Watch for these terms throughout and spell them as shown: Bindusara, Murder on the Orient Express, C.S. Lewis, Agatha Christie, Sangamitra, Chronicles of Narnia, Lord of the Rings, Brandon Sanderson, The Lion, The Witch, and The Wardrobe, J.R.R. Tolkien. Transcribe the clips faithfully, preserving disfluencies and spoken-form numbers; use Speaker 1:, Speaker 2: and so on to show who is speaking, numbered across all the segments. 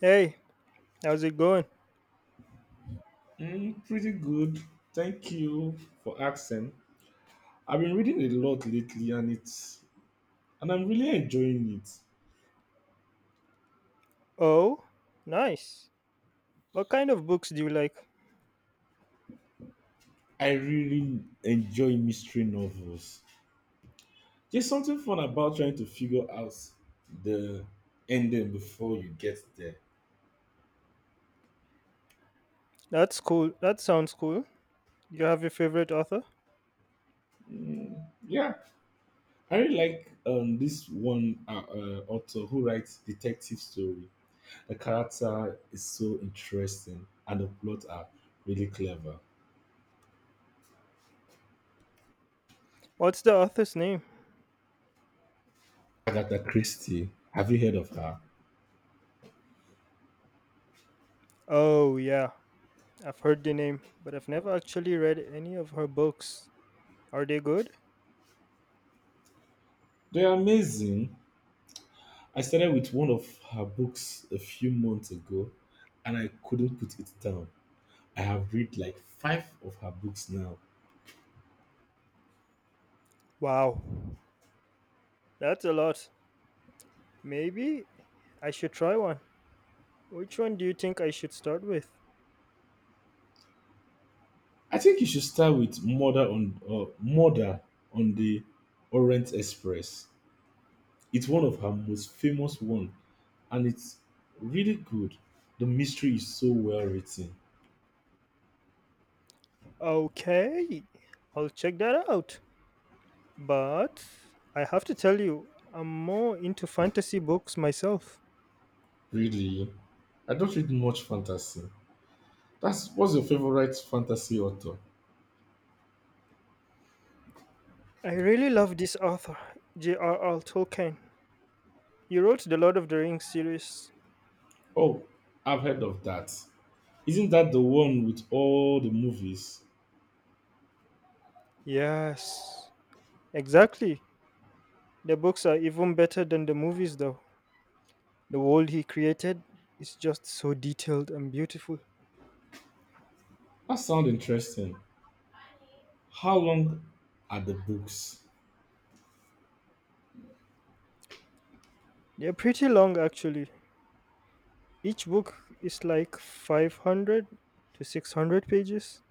Speaker 1: Hey, how's it going?
Speaker 2: Mm, pretty good. Thank you for asking. I've been reading a lot lately and it's and I'm really enjoying it.
Speaker 1: Oh, nice. What kind of books do you like?
Speaker 2: I really enjoy mystery novels. There's something fun about trying to figure out the ending before you get there.
Speaker 1: That's cool. That sounds cool. You have your favorite author?
Speaker 2: Mm, yeah, I really like um, this one uh, uh, author who writes detective story. The character is so interesting and the plot are really clever.
Speaker 1: What's the author's name?
Speaker 2: Agatha Christie. Have you heard of her?
Speaker 1: Oh, yeah. I've heard the name, but I've never actually read any of her books. Are they good?
Speaker 2: They're amazing. I started with one of her books a few months ago and I couldn't put it down. I have read like five of her books now.
Speaker 1: Wow. That's a lot. Maybe I should try one. Which one do you think I should start with?
Speaker 2: I think you should start with Murder on uh, Murder on the Orient Express. It's one of her most famous one and it's really good. The mystery is so well written.
Speaker 1: Okay, I'll check that out. But I have to tell you, I'm more into fantasy books myself.
Speaker 2: Really? I don't read much fantasy. That's what's your favorite fantasy author?
Speaker 1: I really love this author, J R R. Tolkien. He wrote the Lord of the Rings series.
Speaker 2: Oh, I've heard of that. Isn't that the one with all the movies?
Speaker 1: Yes, exactly. The books are even better than the movies, though. The world he created is just so detailed and beautiful.
Speaker 2: That sounds interesting. How long are the books?
Speaker 1: They're pretty long, actually. Each book is like five hundred to six hundred pages,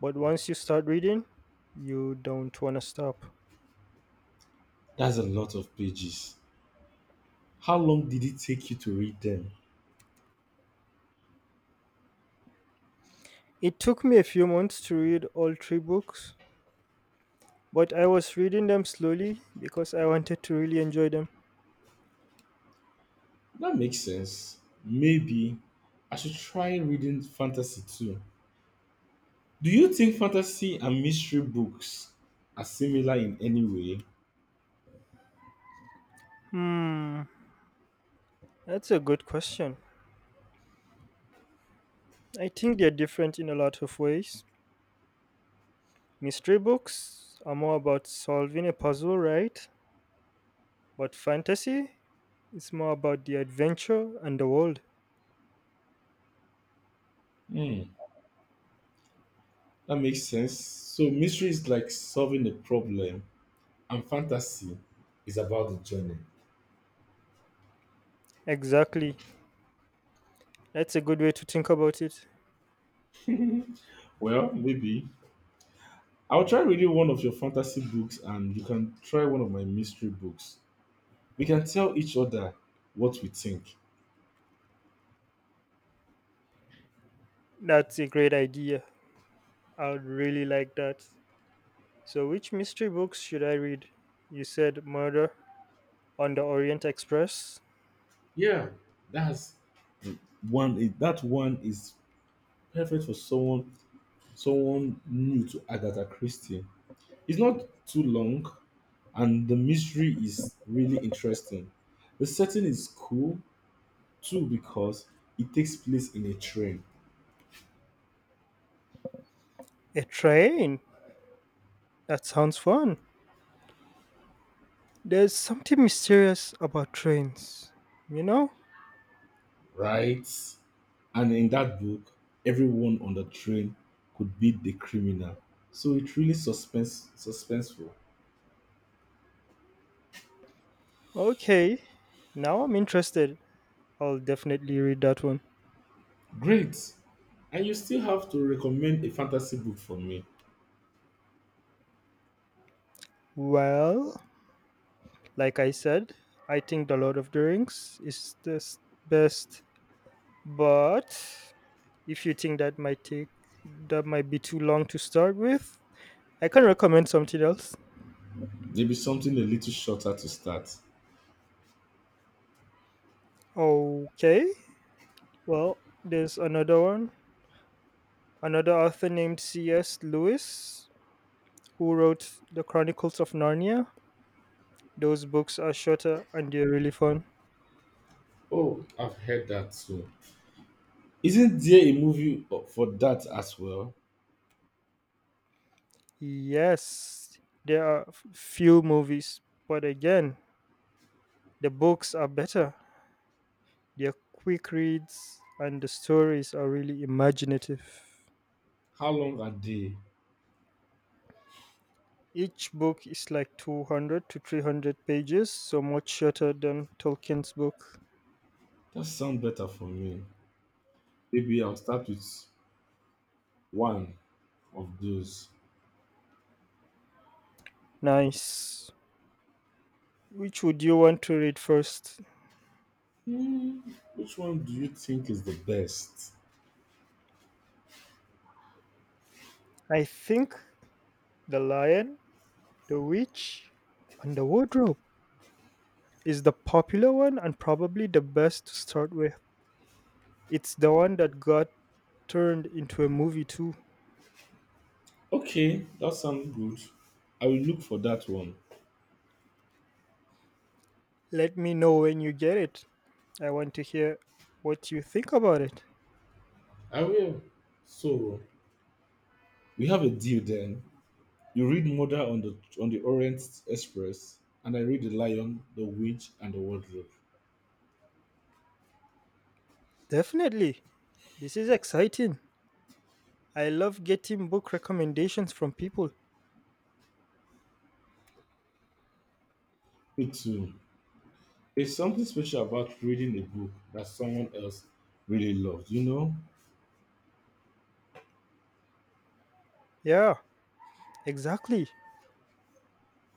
Speaker 1: but once you start reading, you don't want to stop.
Speaker 2: That's a lot of pages. How long did it take you to read them?
Speaker 1: It took me a few months to read all three books, but I was reading them slowly because I wanted to really enjoy them.
Speaker 2: That makes sense. Maybe I should try reading fantasy too. Do you think fantasy and mystery books are similar in any way?
Speaker 1: Hmm, that's a good question. I think they're different in a lot of ways. Mystery books are more about solving a puzzle, right? But fantasy is more about the adventure and the world.
Speaker 2: Hmm, that makes sense. So mystery is like solving a problem, and fantasy is about the journey.
Speaker 1: Exactly. That's a good way to think about it.
Speaker 2: Well, maybe I'll try reading one of your fantasy books and you can try one of my mystery books. We can tell each other what we think.
Speaker 1: That's a great idea. I would really like that. So, which mystery books should I read? You said Murder on the Orient Express?
Speaker 2: Yeah, that's one that one is perfect for someone someone new to Agatha Christie. It's not too long and the mystery is really interesting. The setting is cool too because it takes place in a train.
Speaker 1: A train? That sounds fun. There's something mysterious about trains, you know?
Speaker 2: Right? And in that book, everyone on the train could beat the criminal. So it really suspense suspenseful.
Speaker 1: Okay, now I'm interested. I'll definitely read that one.
Speaker 2: Great. And you still have to recommend a fantasy book for me.
Speaker 1: Well, like I said, I think The Lord of the Rings is the s- best, but if you think that might take that might be too long to start with, I can recommend something else.
Speaker 2: Maybe something a little shorter to start.
Speaker 1: Okay, well, there's another one. Another author named C S. Lewis who wrote The Chronicles of Narnia. Those books are shorter and they're really fun.
Speaker 2: Oh, I've heard that too. Isn't there a movie for that as well?
Speaker 1: Yes, there are f- few movies, but again, the books are better. They're quick reads and the stories are really imaginative.
Speaker 2: How long are they?
Speaker 1: Each book is like two hundred to three hundred pages, so much shorter than Tolkien's book.
Speaker 2: That sounds better for me. Maybe I'll start with one of those.
Speaker 1: Nice. Which would you want to read first?
Speaker 2: Hmm, which one do you think is the best?
Speaker 1: I think The Lion, The Witch, and The Wardrobe is the popular one and probably the best to start with. It's the one that got turned into a movie too.
Speaker 2: Okay, that sounds good. I will look for that one.
Speaker 1: Let me know when you get it. I want to hear what you think about it.
Speaker 2: I will. So we have a deal then. You read Murder on the on the Orient Express, and I read The Lion, The Witch, and The Wardrobe.
Speaker 1: Definitely. This is exciting. I love getting book recommendations from people.
Speaker 2: Me too. There's something special about reading a book that someone else really loves. You know.
Speaker 1: Yeah, exactly.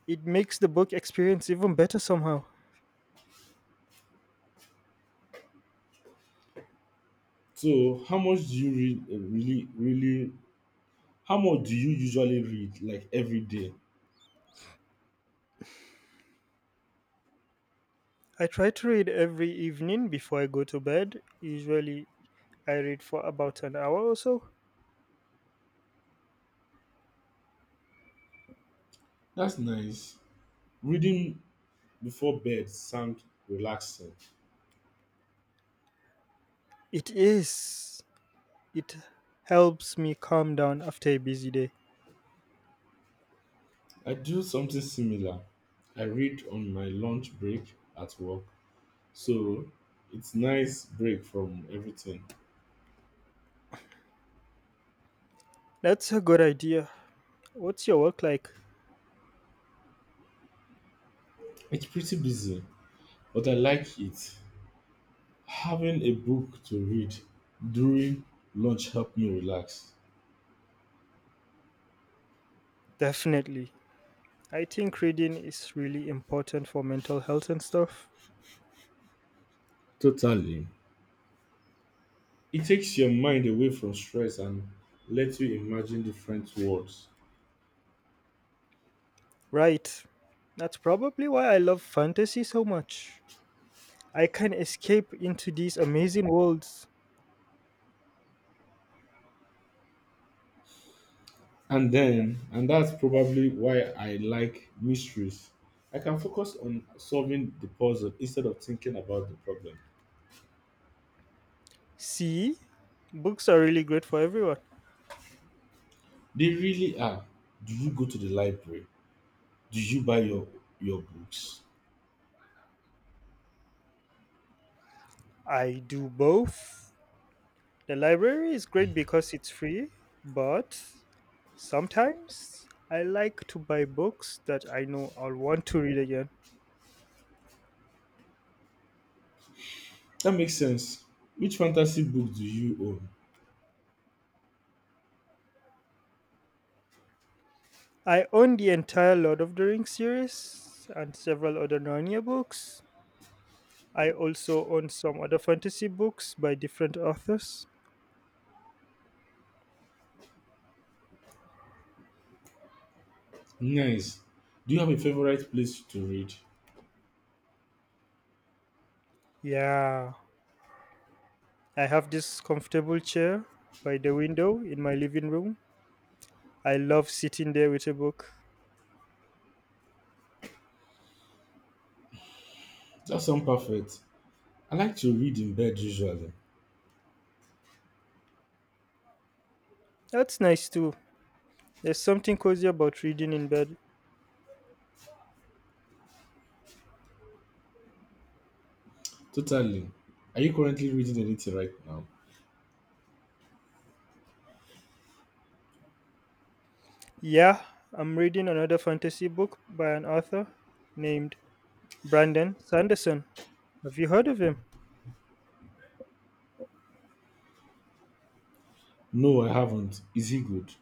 Speaker 1: It makes the book experience even better somehow.
Speaker 2: So how much do you read? Uh, Really, really. How much do you usually read? Like every day?
Speaker 1: I try to read every evening before I go to bed. Usually, I read for about an hour or so.
Speaker 2: That's nice. Reading before bed sounds relaxing.
Speaker 1: It is. It helps me calm down after a busy day.
Speaker 2: I do something similar. I read on my lunch break at work, so it's nice break from everything.
Speaker 1: That's a good idea. What's your work like?
Speaker 2: It's pretty busy, but I like it. Having a book to read during lunch help me relax.
Speaker 1: Definitely. I think reading is really important for mental health and stuff.
Speaker 2: Totally. It takes your mind away from stress and lets you imagine different worlds.
Speaker 1: Right. That's probably why I love fantasy so much. I can escape into these amazing worlds.
Speaker 2: And then, and that's probably why I like mysteries. I can focus on solving the puzzle instead of thinking about the problem.
Speaker 1: See? Books are really great for everyone.
Speaker 2: They really are. Do you go to the library? Do you buy your your books?
Speaker 1: I do both. The library is great because it's free, but sometimes I like to buy books that I know I'll want to read again.
Speaker 2: That makes sense. Which fantasy book do you own?
Speaker 1: I own the entire Lord of the Rings series and several other Narnia books. I also own some other fantasy books by different authors.
Speaker 2: Nice. Do you have a favorite place to read?
Speaker 1: Yeah, I have this comfortable chair by the window in my living room. I love sitting there with a book.
Speaker 2: That sounds perfect. I like to read in bed usually.
Speaker 1: That's nice too. There's something cozy about reading in bed.
Speaker 2: Totally. Are you currently reading anything right now?
Speaker 1: Yeah, I'm reading another fantasy book by an author named Brandon Sanderson. Have you heard of him?
Speaker 2: No, I haven't. Is he good?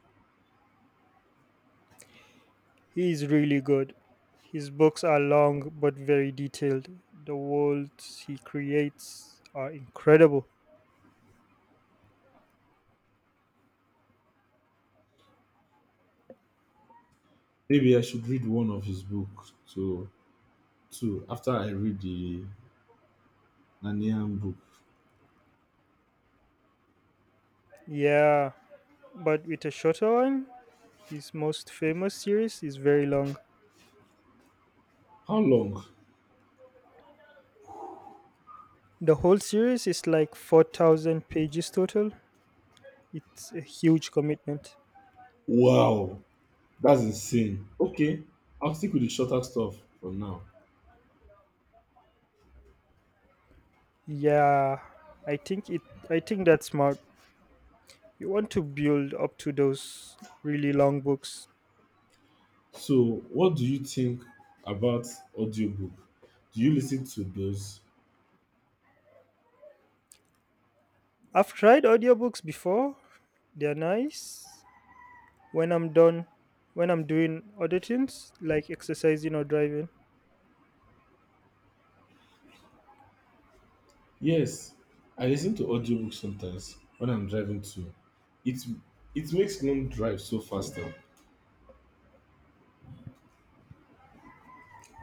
Speaker 1: He is really good. His books are long but very detailed. The worlds he creates are incredible.
Speaker 2: Maybe I should read one of his books too. Too after I read the Nanian book.
Speaker 1: Yeah, but with a shorter one, his most famous series is very long.
Speaker 2: How long?
Speaker 1: The whole series is like four thousand pages total. It's a huge commitment.
Speaker 2: Wow. That's insane. Okay, I'll stick with the shorter stuff for now.
Speaker 1: Yeah, I think it I think that's smart. You want to build up to those really long books.
Speaker 2: So what do you think about audiobook? Do you listen to those?
Speaker 1: I've tried audiobooks before. They're nice, when I'm done, when I'm doing other things like exercising or driving.
Speaker 2: Yes, I listen to audiobooks sometimes when I'm driving too. It it makes long drive so faster.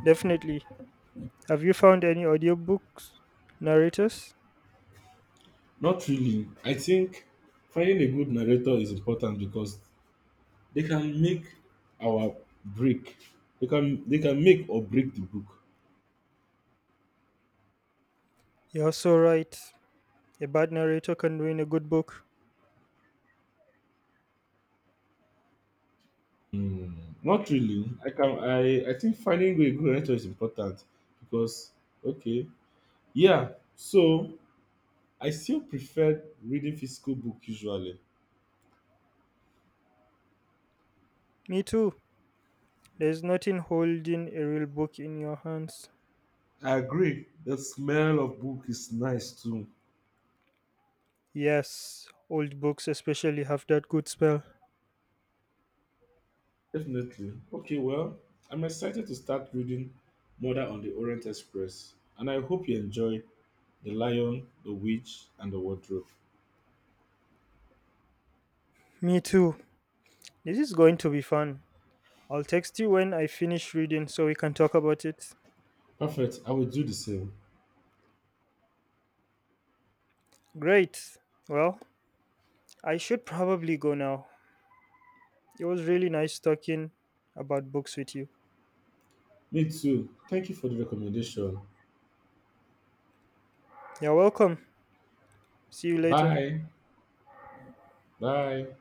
Speaker 1: Definitely. Have you found any audiobooks, narrators?
Speaker 2: Not really. I think finding a good narrator is important because they can make our break. They can they can make or break the book.
Speaker 1: You're so right. A bad narrator can ruin a good book.
Speaker 2: Mm, not really. I can I I think finding a good mentor is important because okay, yeah. So I still prefer reading physical book usually.
Speaker 1: Me too. There's nothing holding a real book in your hands.
Speaker 2: I agree. The smell of book is nice too.
Speaker 1: Yes, old books especially have that good spell.
Speaker 2: Definitely. Okay, well, I'm excited to start reading Murder on the Orient Express, and I hope you enjoy The Lion, The Witch, and The Wardrobe.
Speaker 1: Me too. This is going to be fun. I'll text you when I finish reading so we can talk about it.
Speaker 2: Perfect. I will do the same.
Speaker 1: Great. Well, I should probably go now. It was really nice talking about books with you.
Speaker 2: Me too. Thank you for the recommendation.
Speaker 1: You're welcome. See you later.
Speaker 2: Bye. Bye.